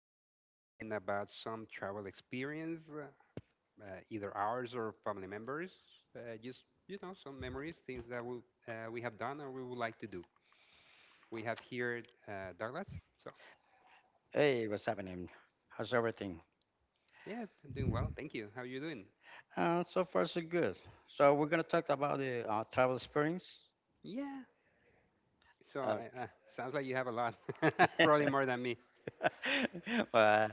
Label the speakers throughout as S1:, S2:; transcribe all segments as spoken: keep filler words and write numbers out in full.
S1: we're going to be speaking about some travel experience, uh, uh, either ours or family members. Uh, just you know, some memories, things that we uh, we have done or we would like to do. We have here uh, Douglas. So
S2: Hey, what's happening? How's everything?
S1: yeah, I'm doing well. Thank you. How are you doing?
S2: Uh, so far, so good. So we're gonna talk about the uh, travel experience.
S1: Yeah. So
S2: Uh,
S1: I, uh, sounds like you have a lot, probably more than me.
S2: but,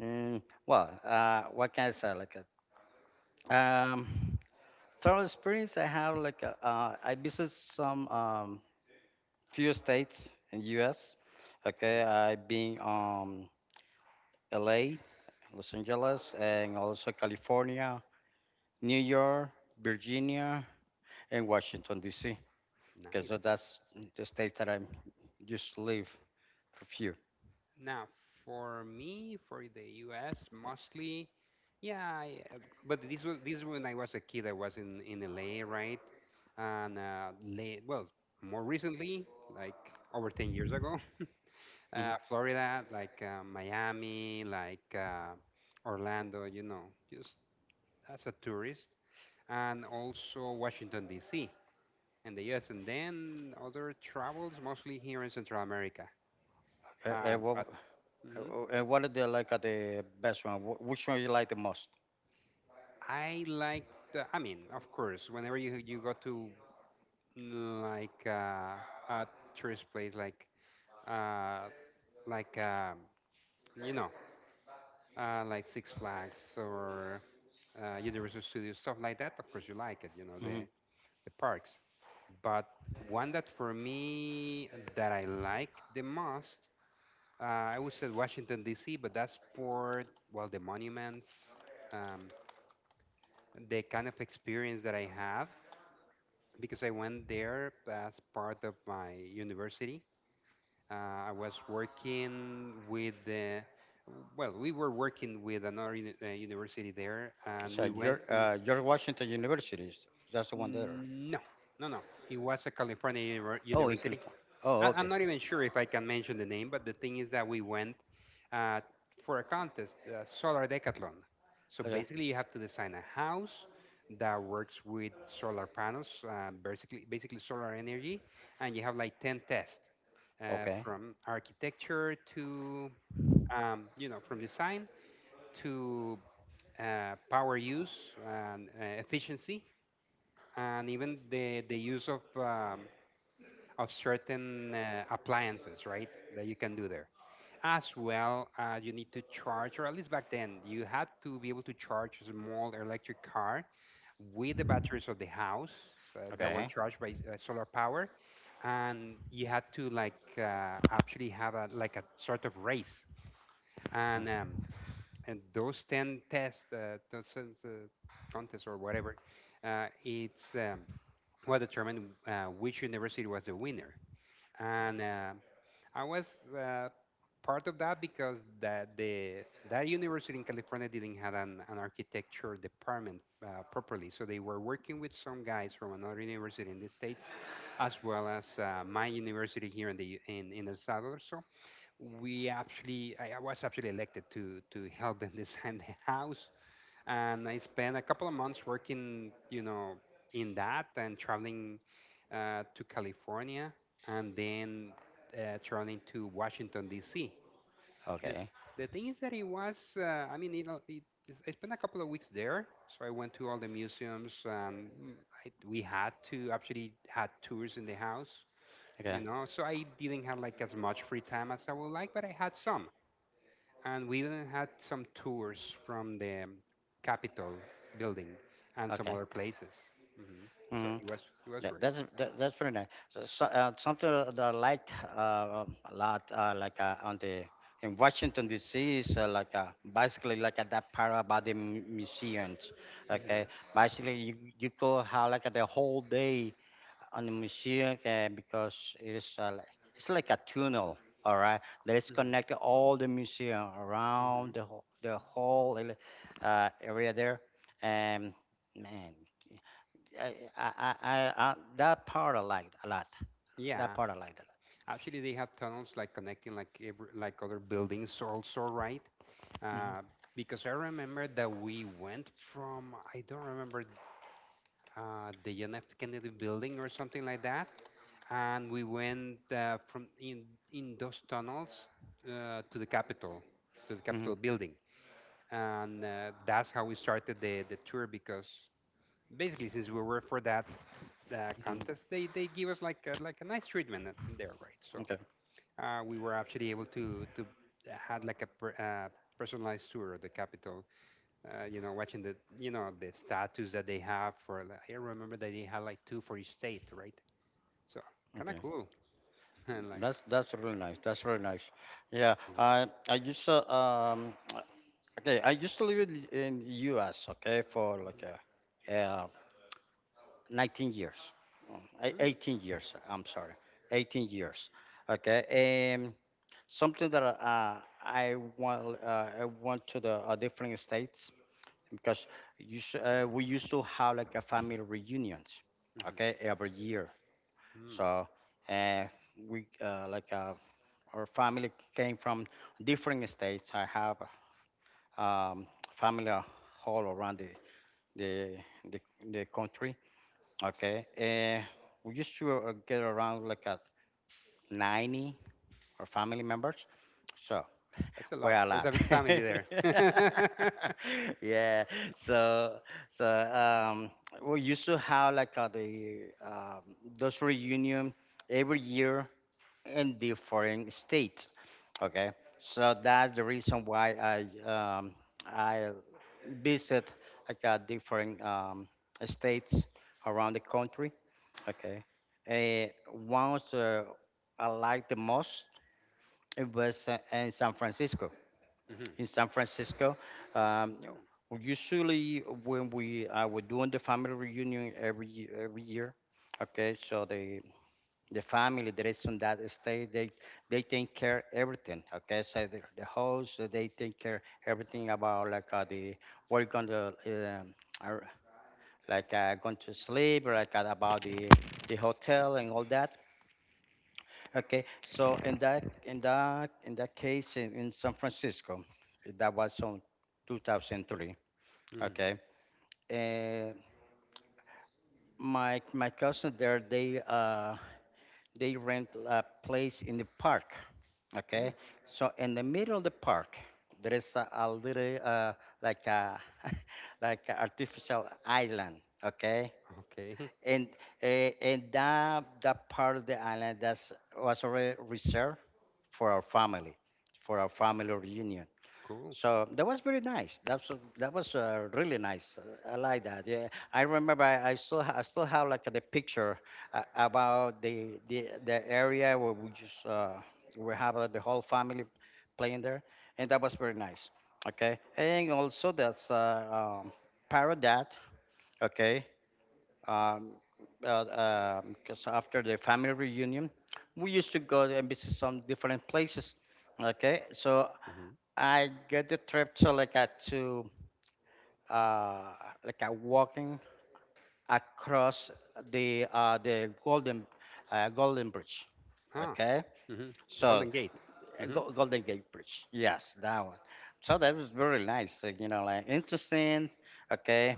S2: mm, well, uh, what can I say? Like, a, um, travel experience. I have like a, uh, I visit some um, few states in U S. Okay,
S1: Mhm.
S2: I've been um L A, Los Angeles, and also California, New York, Virginia, and Washington D C because
S1: Nice.
S2: that's the stage that I'm used to live for few.
S1: Now, for me, for the U S mostly, yeah. I, uh, but this was this when I was a kid. I was in in L A, right, and uh, late, well, more recently, like over ten years ago, uh,
S2: hmm
S1: Florida, like uh, Miami, like uh, Orlando. You know, just as a tourist, and also Washington D C and the U S. And then other travels, mostly here in Central America.
S2: Uh, uh,
S1: Uh,
S2: what,
S1: but mhm.
S2: uh, uh, what are the like are the best one? Wh- Which one you like the most?
S1: I like the, I mean, of course, whenever you you go to mm, like uh, a tourist place like uh like um you know uh like Six Flags or uh, Universal Studios, stuff like that. Of course you like it, you know,
S2: hmm
S1: the the parks. But one that for me that I like the most, uh, I would say Washington D C, but that's for well, the monuments, um, the kind of experience that I have because I went there as part of my university. Uh, I was working with the, well, we were working with another uni- uh, university there, and
S2: So
S1: we
S2: your
S1: went to,
S2: uh, your Washington University is that's the one there.
S1: no, no, no. It was a California univer-
S2: Oh, in
S1: university.
S2: California. Oh,
S1: I,
S2: okay,
S1: I'm not even sure if I can mention the name, but the thing is that we went uh, for a contest, uh, solar decathlon. So
S2: okay.
S1: basically, you have to design a house that works with solar panels, uh, basically basically solar energy, and you have like ten tests uh,
S2: Okay,
S1: from architecture to um, you know from design to uh, power use and uh, efficiency, and even the the use of um, of certain uh, appliances, right? That you can do there. As well, uh, you need to charge, or at least back then, you had to be able to charge a small electric car with the batteries of the house uh, that were
S2: okay.
S1: charged by uh, solar power, and you had to like uh, actually have a like a sort of race, and
S2: Mm,
S1: um, and those ten tests, uh, those uh, contests or whatever, uh, it's um, what determined uh, which university was the winner, and uh, I was uh, part of that because that the that university in California didn't have an, an architecture department uh, properly, so they were working with some guys from another university in the states, as well as uh, my university here in the U- in in El Salvador. So we actually I I was actually elected to to help them design the house, and I spent a couple of months working, you know, in that, and traveling uh, to California, and then uh, traveling to Washington D C. The
S2: okay.
S1: the thing is that it was, uh, I mean, you know, it, I spent a couple of weeks there, so I went to all the museums. And mm, I, we had to actually had tours in the house,
S2: Okay.
S1: you know, so I didn't have like as much free time as I would like, but I had some, and we even had some tours from the Capitol building and some
S2: Okay.
S1: other places. hmm So
S2: hmm
S1: it was it was
S2: That,
S1: great.
S2: that's that, that's pretty nice. So, so uh, something that I liked uh, um, a lot, uh, like uh, on the in Washington D C is uh, like uh, basically like at that part about the mu- museums. Okay,
S1: hmm
S2: basically you you go how like uh, the whole day on the museum uh, because it is uh, like, it's like a tunnel. All right, that is
S1: hmm
S2: connected all the museum around
S1: hmm
S2: the whole, the whole uh, area there, and man. I, I, I, I, I- that part I liked a lot. That
S1: Yeah,
S2: part I liked a
S1: actually they have tunnels like connecting like every, like other buildings also, right?
S2: lot.
S1: Uh, because I remember that we went from, I don't remember, uh, the John F. Kennedy building or something like that. And we went uh, from in, in those tunnels uh, to the Capitol, to the
S2: Hmm, hmm,
S1: Capitol building. And uh, that's how we started the, the tour, because basically, since we were for that uh,
S2: hmm.
S1: contest, they, they give us like a, like a nice treatment in there, right? So
S2: Okay,
S1: uh, we were actually able to, to uh, had like a per, uh, personalized tour of the Capitol, uh, you know, watching the you know the statues that they have for. the- I remember that they had like two for each state, right? So kind of
S2: okay.
S1: cool. And like,
S2: That's that's really nice. That's really nice. Yeah,
S1: mm,
S2: I I used to um okay. I used to live in, in U S. Okay, for like a, uh nineteen years. Um, ei-
S1: mm,
S2: eighteen years. I'm sorry, eighteen years. Okay, and something that uh, I want uh, I went to the uh, different states because you, s- uh, we used to have like a family reunions,
S1: mhm,
S2: okay, every year.
S1: mm.
S2: So uh, we uh, like uh, our family came from different states. I have um, family all around the the the, the country, okay. Uh, we used to uh, get around like at ninety or family members. So
S1: That's a
S2: quite
S1: lot.
S2: a
S1: That's
S2: lot.
S1: a big family there.
S2: Yeah. So so um, we used to have like uh, the um, those reunion every year in different states. Okay. So that's the reason why I um, I visit like uh, different um, states around the country. Okay. Uh, one of the I liked the most it was uh, in San Francisco
S1: Mhm,
S2: in San Francisco. Um,
S1: mm,
S2: usually, when we uh, we doing the family reunion every ye- every year, okay. So the the family that is on that estate, they they take care everything. Okay, so the, the house, uh, they take care everything about like uh, the we're gonna um, are- like uh, going to sleep, like uh, about the the hotel and all that. Okay, so in that in that in that case in, in San Francisco, that was on two thousand three.
S1: mhm,
S2: Okay, and my my cousin there, they uh they rent a place in the park. Okay,
S1: mm.
S2: so in the middle of the park, there is a, a little uh like a like a artificial island. Okay,
S1: Okay,
S2: and uh, and that that part of the island that's was already reserved for our family, for our family reunion.
S1: cool.
S2: So that was very nice. That was that was uh, really nice. I like that. Yeah, I remember. I, I still ha- I still have like the picture uh, about the, the the area where we just uh, we have uh, the whole family playing there, and that was very nice. Okay, and also that's uh, um, Paradat. Okay, um, uh, because after the family reunion, we used to go and visit some different places. Okay, so
S1: hmm
S2: I get the trip to like a to uh, like a walking across the uh, the Golden uh, Golden Bridge.
S1: Ah,
S2: Okay,
S1: hmm the
S2: so,
S1: Golden Gate.
S2: uh,
S1: hmm
S2: Go- Golden Gate Bridge. Yes, that one. So that was very nice. uh, You know, like interesting. Okay,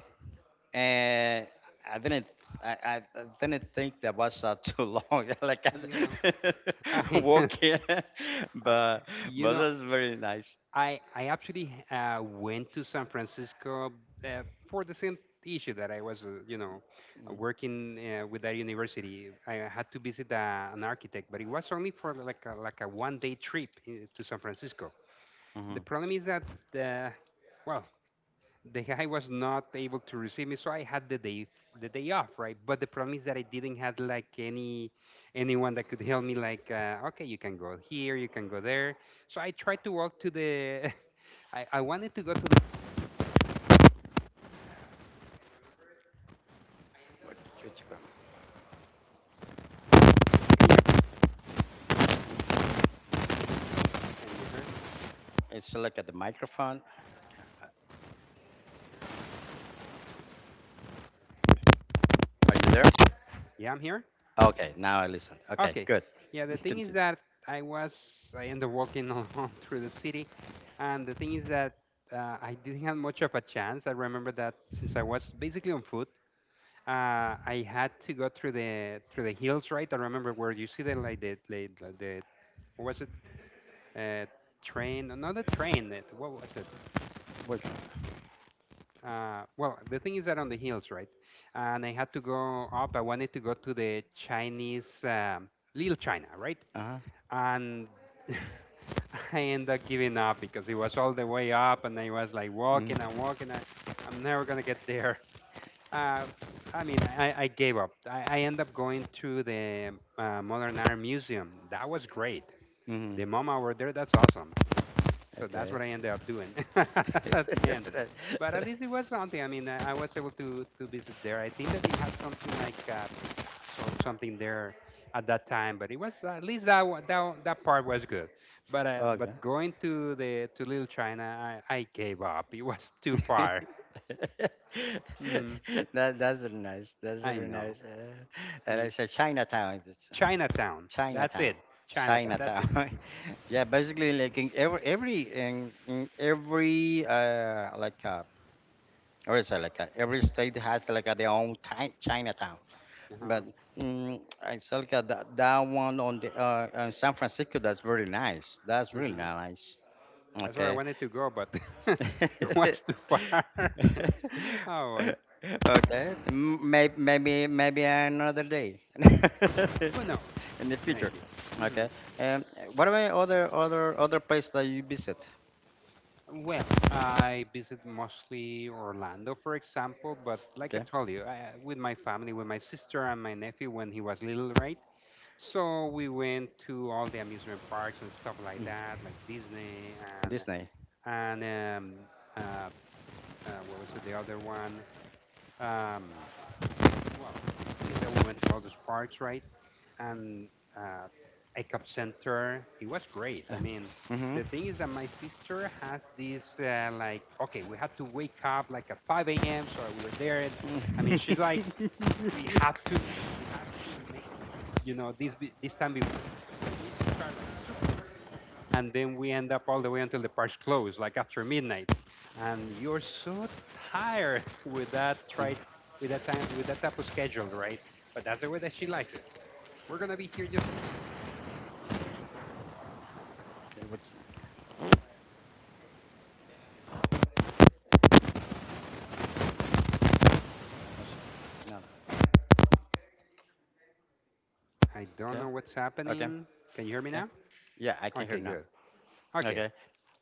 S2: and I didn't, I, I I didn't think that was uh, too long. like
S1: You know,
S2: I
S1: I,
S2: walking,
S1: I-
S2: but
S1: you
S2: but
S1: know,
S2: that's very nice.
S1: I I actually uh, went to San Francisco uh, for the same issue that I was, uh, you know, uh, working uh, with that university. I had to visit uh, an architect, but it was only for like a, like a one day trip uh, to San Francisco. The
S2: Mm-hmm.
S1: problem is that uh, well, the guy was not able to receive me, so I had the day the day off, right? But the problem is that I didn't have like any anyone that could help me. Like, uh, okay, you can go here, you can go there. So I tried to walk to the. I, I wanted to go to the.
S2: It's look at the microphone. Are you there?
S1: Yeah, I'm here.
S2: Okay, now I listen. Okay,
S1: Okay.
S2: good.
S1: Yeah, the thing is
S2: Continue.
S1: that I was. I ended up walking along through the city. And the thing is that uh, I didn't have much of a chance. I remember that since I was basically on foot, uh, I had to go through the through the hills, right? I remember where you see the like the like, the the- what was it? Uh, Train? No, not the train. It, what was it?
S2: Which one?
S1: Uh, well, the thing is that on the hills, right? And I had to go up. I wanted to go to the Chinese, um, Little China, right?
S2: Uh huh.
S1: And I ended up giving up because it was all the way up, and I was like walking and walking. And I'm never gonna get there. Uh, I mean, I, I gave up. I, I ended up going to the uh, Modern Art Museum. That was great.
S2: Mm-hmm.
S1: The MoMA over there, that's awesome. So that's
S2: Okay.
S1: what I ended up doing at the end. But at least it was something. I mean, I I was able to to visit there. I think that they had something like uh, so, something there at that time, but it was at least that wa- that wa- that part was good. But uh,
S2: Okay.
S1: but going to the to Little China, I, I gave up. It was too far. hmm
S2: that that's really nice. That's
S1: I
S2: really nice.
S1: know.
S2: Uh, and I
S1: Mm.
S2: said Chinatown. It's
S1: Chinatown. That's
S2: Chinatown.
S1: it. Chinatown. That's it.
S2: Chinatown. Yeah, basically like in every every in, in every uh like uh or is it like uh, every state has like uh, their own ti- Chinatown.
S1: Uh-huh.
S2: But mm, I saw like uh, that, that one on the uh, uh San Francisco. That's very nice. That's really
S1: hmm
S2: nice.
S1: That's where I
S2: Okay.
S1: wanted to go, but it was too far. Oh boy.
S2: Okay, m- maybe maybe another day
S1: Who knows?
S2: in the future.
S1: Maybe. Mhm.
S2: Okay. Um, what about other other other place that you visit?
S1: Well, I visit mostly Orlando, for example, but like I
S2: Okay,
S1: told you, I, with my family, with my sister and my nephew when he was little, right? So we went to all the amusement parks and stuff like that, like Disney and
S2: Disney.
S1: and um, uh, uh, what was it, the other one? Um, well, we went to all those parks, right? And uh, I Cup Center, it was great. I mean,
S2: Mm-hmm.
S1: the thing is that my sister has this uh, like, okay, we had to wake up like at five a m. So we were there. And, I mean, she's like, we have to, we have to make, you know, this be- this time we, we need to start, like, and then we end up all the way until the park's closed, like after midnight. And you're so tired with that, right, with that time, with that type of schedule, right? But that's the way that she likes it. We're gonna be here, just,
S2: Okay, which was another.
S1: I don't
S2: Okay.
S1: know what's
S2: Okay.
S1: happening. Can you hear me
S2: Okay.
S1: now?
S2: Yeah, I can hear
S1: Okay,
S2: now.
S1: good. Okay.
S2: Okay.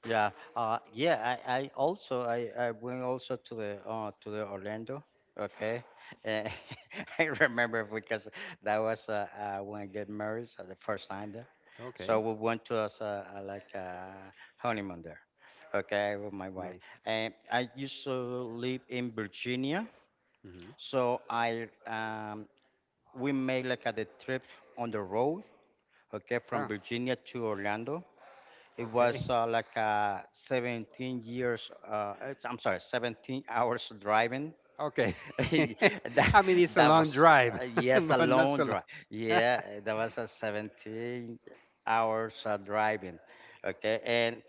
S2: Yeah, uh, yeah. I, I also I, I went also to the uh, to the Orlando. Okay, Eh, I remember because that was uh, uh, when I get married, so the first time there. So
S1: Okay.
S2: we went to us uh, uh, like uh, honeymoon there. Okay, with my wife.
S1: Nice.
S2: And I used to live in Virginia,
S1: hmm
S2: so I um, we made like a the trip on the road. Okay, from
S1: Oh,
S2: Virginia to Orlando it
S1: okay.
S2: was uh, like uh, seventeen years. Uh, it's- I'm sorry, seventeen hours driving.
S1: Okay.
S2: that
S1: I mean, it's a
S2: that
S1: long
S2: was,
S1: drive,
S2: uh, yes, a
S1: but not
S2: long
S1: so
S2: drive.
S1: long.
S2: Yeah, that was a seventeen hours uh, driving. Okay, and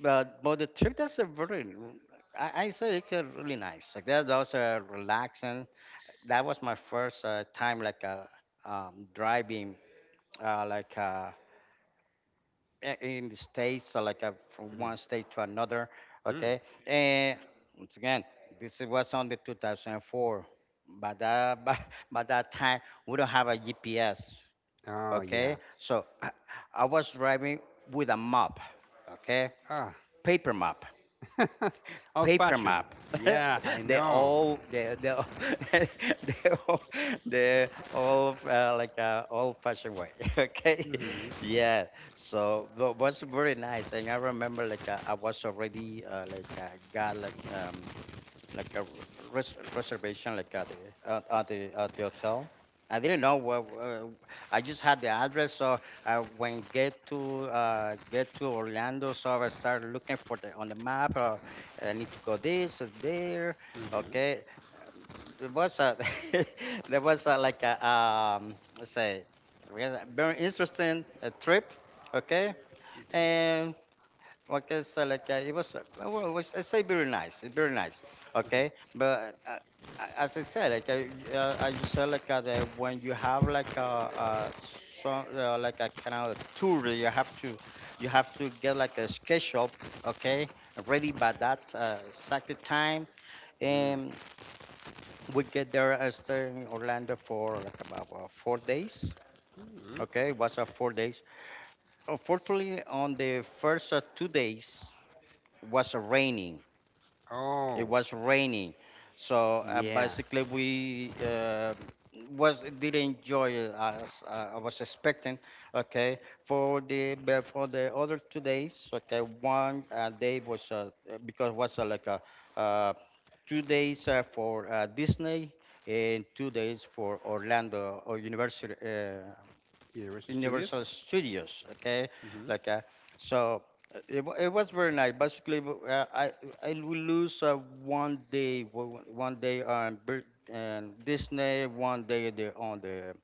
S2: but but the trip that's a very. I, I said it was really nice. Like that, that was uh, relaxing. That was my first uh, time like uh, um, driving uh, like uh, i- in the states, so like uh, from
S1: Mhm.
S2: one state to another.
S1: Mm.
S2: Okay, and once again, this was on the two thousand four. By that by, by that time, we don't have a G P S.
S1: Oh, yeah.
S2: Okay, so I I was driving with a map. Okay,
S1: Ah.
S2: paper map
S1: Old
S2: paper
S1: fashioned.
S2: map.
S1: Yeah, I
S2: they
S1: know.
S2: all they they all, they all, they all uh, like uh, old fashioned way. Okay,
S1: Mm-hmm.
S2: yeah. So, but was very nice, and I remember like uh, I was already uh, like uh, got like um like a res- reservation, like at the at, at the at the hotel. I didn't know where. Uh, I just had the address, so I when get to uh, get to Orlando, so I started looking for the on the map. Uh, I need to go this or there.
S1: Mm-hmm.
S2: Okay, there was a there was a, like a um let's say we had a very interesting uh, trip. Okay,
S1: Mm-hmm.
S2: and what can I say? Like, uh, it was, uh, well, it was I say very nice, it's very nice. Okay, but uh, uh, as I said, like uh, y- uh, I just said, like uh, that when you have like a, uh some uh, like a kind of tour, you have to you have to get like a schedule, okay, ready by that uh, exact time,
S1: Mm-hmm. Mm-hmm,
S2: and we get there and stay in Orlando for like about uh, four days.
S1: mm-hmm.
S2: Okay, it was uh, four days. Unfortunately, on the first uh, two days was raining. It
S1: Oh,
S2: was raining, so uh,
S1: yeah.
S2: basically we uh, was did enjoy it as uh, I was expecting. Okay, for the but for the other two days, okay, one uh, day was uh, uh, because was uh, like a uh, two days uh, for uh, Disney and two days for Orlando or University. Uh,
S1: Universal Studios.
S2: Universal Studios. Okay,
S1: Mm-hmm.
S2: like uh, so uh, it, wa- it was very nice. Basically, w- uh, I I will lose uh, one day w- one day on Bir- and Disney, one day the, on the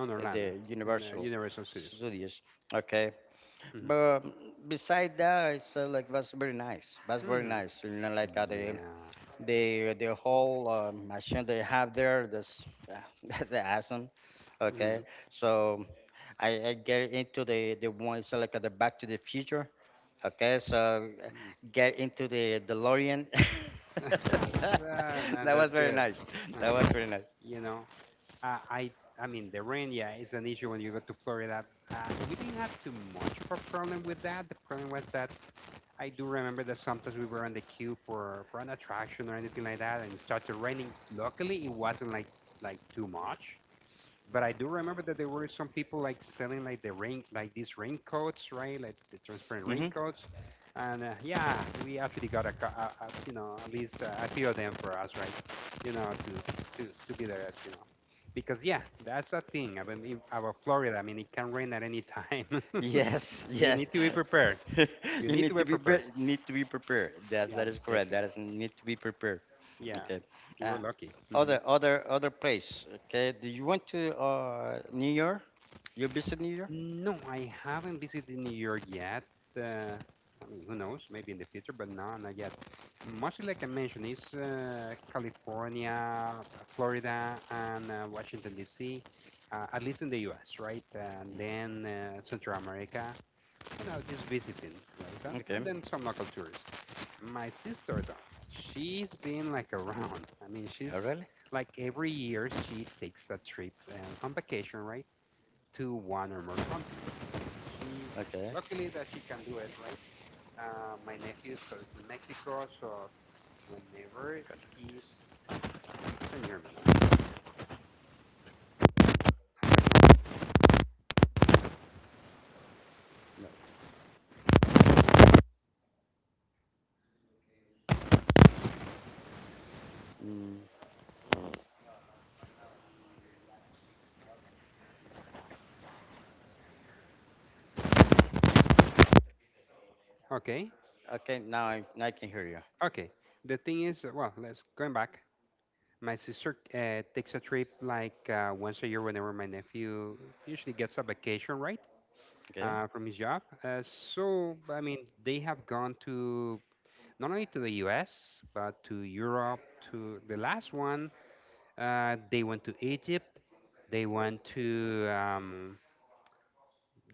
S1: On Orlando,
S2: the
S1: in uh,
S2: Universal
S1: Universal Studios.
S2: Studios. Okay,
S1: Mm-hmm.
S2: but beside that, it's uh, like was very nice. Was very
S1: Mm-hmm.
S2: nice. You know, like uh, the
S1: Yeah.
S2: the the whole uh, machine they have there that's that's awesome. Okay, so i, I get into the the one. So like uh, the back to the future. Okay, so uh,
S1: Mm-hmm.
S2: get into the delorean.
S1: Ah, man,
S2: That
S1: that's
S2: was very
S1: good.
S2: nice. That was
S1: Man,
S2: very nice.
S1: you know, I, I, I mean, the rain, yeah, is an issue when you go to Florida. Uh, we didn't have too much of a problem with that. The problem was that I do remember that sometimes we were on the queue for, for an attraction or anything like that, and it started raining. Luckily, it wasn't like like too much, but I do remember that there were some people like selling like the rain like these raincoats, right? Like the transparent
S2: Hmm.
S1: raincoats, and uh, yeah, we actually got a, cou- a, a you know at least uh, a few of them for us, right? You know to to to be there, you know, because yeah, that's a thing about in- about Florida. I mean, it can rain at any time.
S2: Yes,
S1: You
S2: yes.
S1: need to be prepared. You
S2: You
S1: need to
S2: need
S1: be
S2: to be
S1: prepared.
S2: pre- need to be prepared. That
S1: Yeah,
S2: that is correct. That
S1: definitely.
S2: is need to be prepared.
S1: Yeah,
S2: Okay.
S1: we're
S2: Uh,
S1: lucky. Mhm.
S2: other other other place. Okay. Do you want to uh New York? You visit New York?
S1: No, I haven't visited New York yet. Uh, I mean, who knows? Maybe in the future, but no, not yet. Mostly, like I mentioned, is uh, California, Florida, and uh, Washington D C. Uh, at least in the U S, right? And then uh, Central America, and I was
S2: Mm.
S1: just visiting, like that,
S2: Okay.
S1: and then some local tourists. My sister, though, she's been like around. I mean, she's
S2: Oh really?
S1: like every year she takes a trip uh, on vacation, right, to one or more countries. She
S2: Okay.
S1: luckily that she can do it, right? Uh, my nephew so is in Mexico, so whenever he's, can you hear me?
S2: No. Mm.
S1: Okay,
S2: Okay. Now I now I can hear you.
S1: okay. The thing is, uh, well, let's going back. My sister uh, takes a trip like uh, once a year whenever my nephew usually gets a vacation, right?
S2: Okay.
S1: Uh, from his job. Uh, so, I mean, they have gone to not only to the U S, but to Europe. To the last one, Uh, they went to Egypt. They went to um,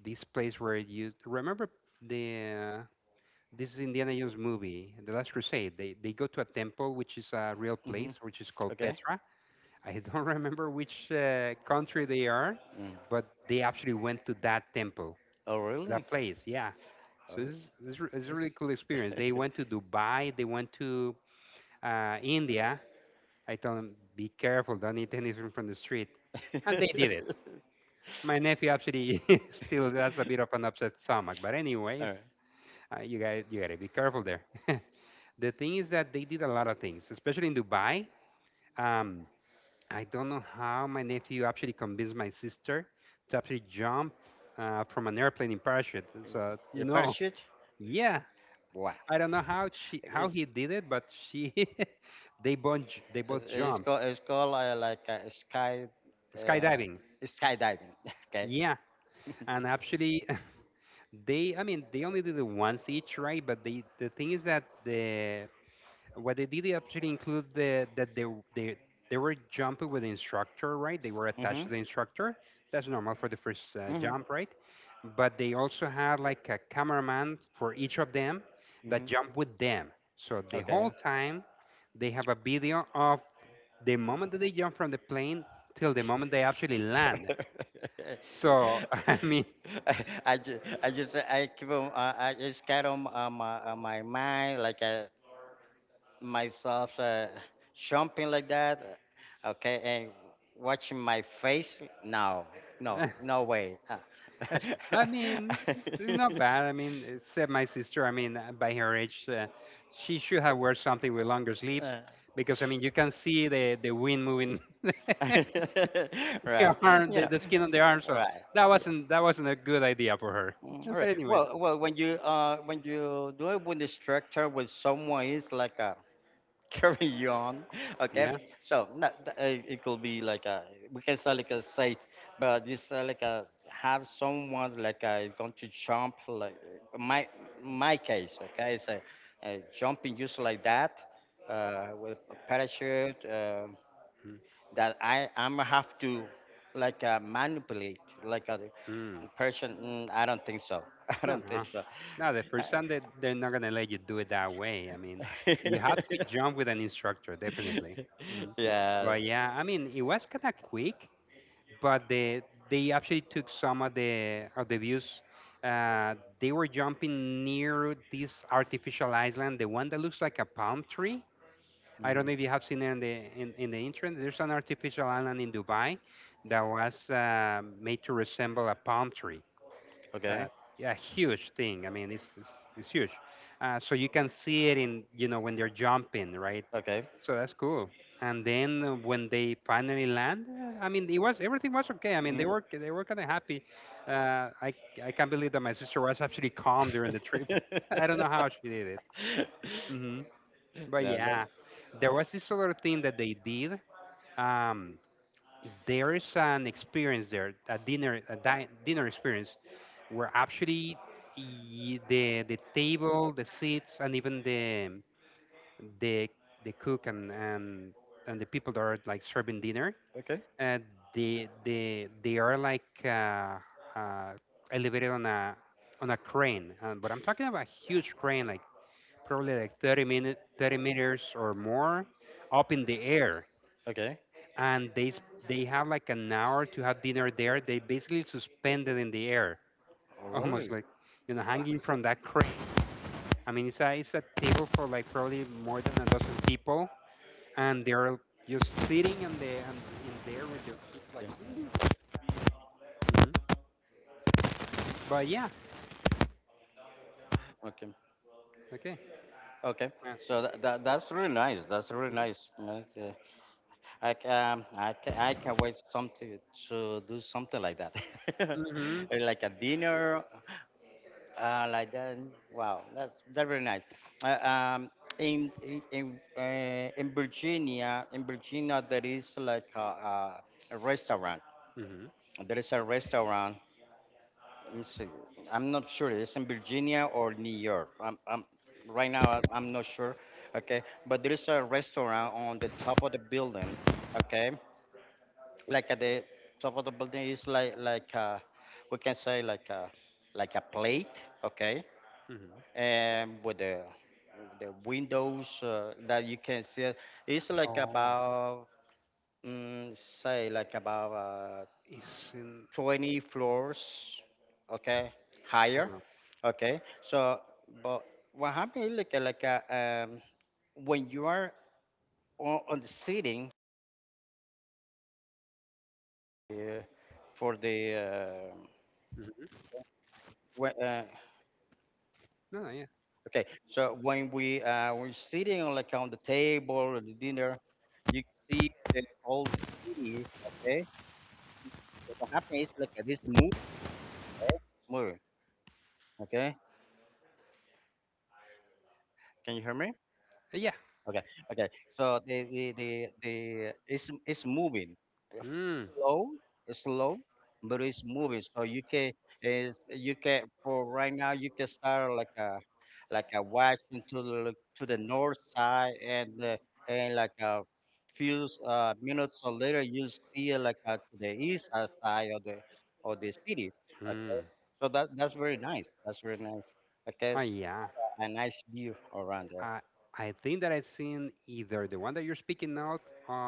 S1: this place where you remember the. Uh, this is Indiana Jones movie, The Last Crusade. They they go to a temple which is a real place,
S2: Mhm.
S1: which is called
S2: Okay.
S1: Petra. I don't remember which uh, country they are,
S2: Mm.
S1: but they actually went to that temple,
S2: Oh
S1: to
S2: really?
S1: that place. Yeah.
S2: Oh,
S1: So it's, it's, re- it's a
S2: yes.
S1: really cool experience. They went to Dubai, they went to uh, India. I told them, be careful, don't eat anything from the street. And they did it. My nephew actually still has a bit of an upset stomach. But,
S2: All
S1: anyways,
S2: right.
S1: uh, you, guys, you gotta be careful there. The thing is that they did a lot of things, especially in Dubai. Um, I don't know how my nephew actually convinced my sister to actually jump uh, from an airplane in parachute. So you
S2: The
S1: know,
S2: parachute.
S1: yeah,
S2: Wow.
S1: I don't know how she how
S2: It's
S1: he did it, but she they both j- they
S2: It's,
S1: both
S2: it's
S1: jump
S2: called it's called uh, like uh, sky uh,
S1: skydiving.
S2: skydiving. Okay.
S1: Yeah, and actually they, I mean, they only did it once each, right? But they the thing is that the what they did, they actually include the that they they they were jumping with the instructor, right? They were attached
S2: Mhm.
S1: to the instructor. That's normal for the first uh,
S2: Mhm.
S1: jump, right? But they also had like a cameraman for each of them that
S2: Mhm.
S1: jumped with them. So the
S2: Okay.
S1: whole time they have a video of the moment that they jump from the plane till the moment they actually land. So I mean,
S2: I I just, I just I keep on, uh, I just got on uh, my uh, my mind like uh, myself uh, jumping like that, uh, okay, and watching my face. No, no, no way. Uh,
S1: that's, I mean, it's not bad. I mean, except my sister. I mean, uh, by her age, uh, she should have worn something with longer sleeves
S2: uh,
S1: because I mean, you can see the the wind moving the
S2: right.
S1: arm,
S2: You
S1: the,
S2: know,
S1: the skin on the arm. So
S2: right.
S1: that
S2: Yeah.
S1: wasn't that wasn't a good idea for her.
S2: Mm, all right.
S1: But anyways,
S2: Well, well, when you uh when you do it with the structure with someone it's like a carry you on, okay.
S1: yeah.
S2: So not, th- uh, it could be like a we can say like a site, but it's uh, like a have someone like a going to jump like uh, my my case, okay. It's a, a jumping just like that, uh, with a parachute. Uh, that I I'm have to like uh, manipulate like a
S1: Mm.
S2: person. Mm, I don't think so. I
S1: No,
S2: don't
S1: no,
S2: think so.
S1: no. The first
S2: I-
S1: time they they're not gonna let you do it that way. I mean, you have to jump with an instructor, definitely. Mhm.
S2: yes.
S1: But yeah, I mean, it was kind of quick, but the, they actually took some of the of the views. Uh, they were jumping near this artificial island, the one that looks like a palm tree. I don't
S2: Mm,
S1: know if you have seen it in the in, in the internet. There's an artificial island in Dubai that was uh, made to resemble a palm tree, uh,
S2: okay.
S1: a huge thing. I mean, it's it's, it's huge. Uh, so you can see it in you know when they're jumping, right?
S2: Okay.
S1: So that's cool. And then uh, when they finally land, uh, I mean, it was everything was okay. I mean, they
S2: Mm.
S1: were they were kind of happy. Uh, I I can't believe that my sister was actually calm during the trip. I don't know how she did it. Hmm. But
S2: No. That,
S1: yeah, there was this other thing that they did. Um, there is an experience there, a dinner, a di- dinner experience where actually y- the the table, the seats, and even the the the cook and and and the people that are like serving dinner,
S2: okay.
S1: uh, they they they are like uh, uh, elevated on a on a crane. Uh, but I'm talking about a huge crane, like probably like thirty minute thirty meters or more up in the air,
S2: Okay.
S1: and they s- they have like an hour to have dinner there. They basically suspended in the air
S2: Oh,
S1: almost
S2: really?
S1: like you know
S2: Wow.
S1: hanging from that crane. I mean, it's a it's a table for like probably more than a dozen people, and they're just sitting and they and in there with their feet like.
S2: Okay.
S1: Hmm. But yeah,
S2: Okay.
S1: okay.
S2: Okay.
S1: Yeah.
S2: So that, that that's really nice. That's really nice. I can, I can, I can wait something to do something like that,
S1: Mm-hmm.
S2: like a dinner, uh, like that. Wow, that's that's very nice. Uh, um, in in in, uh, in Virginia, in Virginia, there is like a, a, a restaurant.
S1: Mm-hmm.
S2: There is a restaurant. Let me see. I'm not sure. It's in Virginia or New York. I'm, I'm right now. I- I'm not sure. Okay, but there is a restaurant on the top of the building. Okay, like uh, the top of the building is like like uh, we can say like a like a plate, okay,
S1: Mm-hmm.
S2: and with the the windows uh, that you can see. it. It's like
S1: Oh,
S2: about mm, say like about uh,
S1: it's in.
S2: twenty floors, okay, higher, okay. So, but what happened is like a- like a, um, when you are on, on the seating,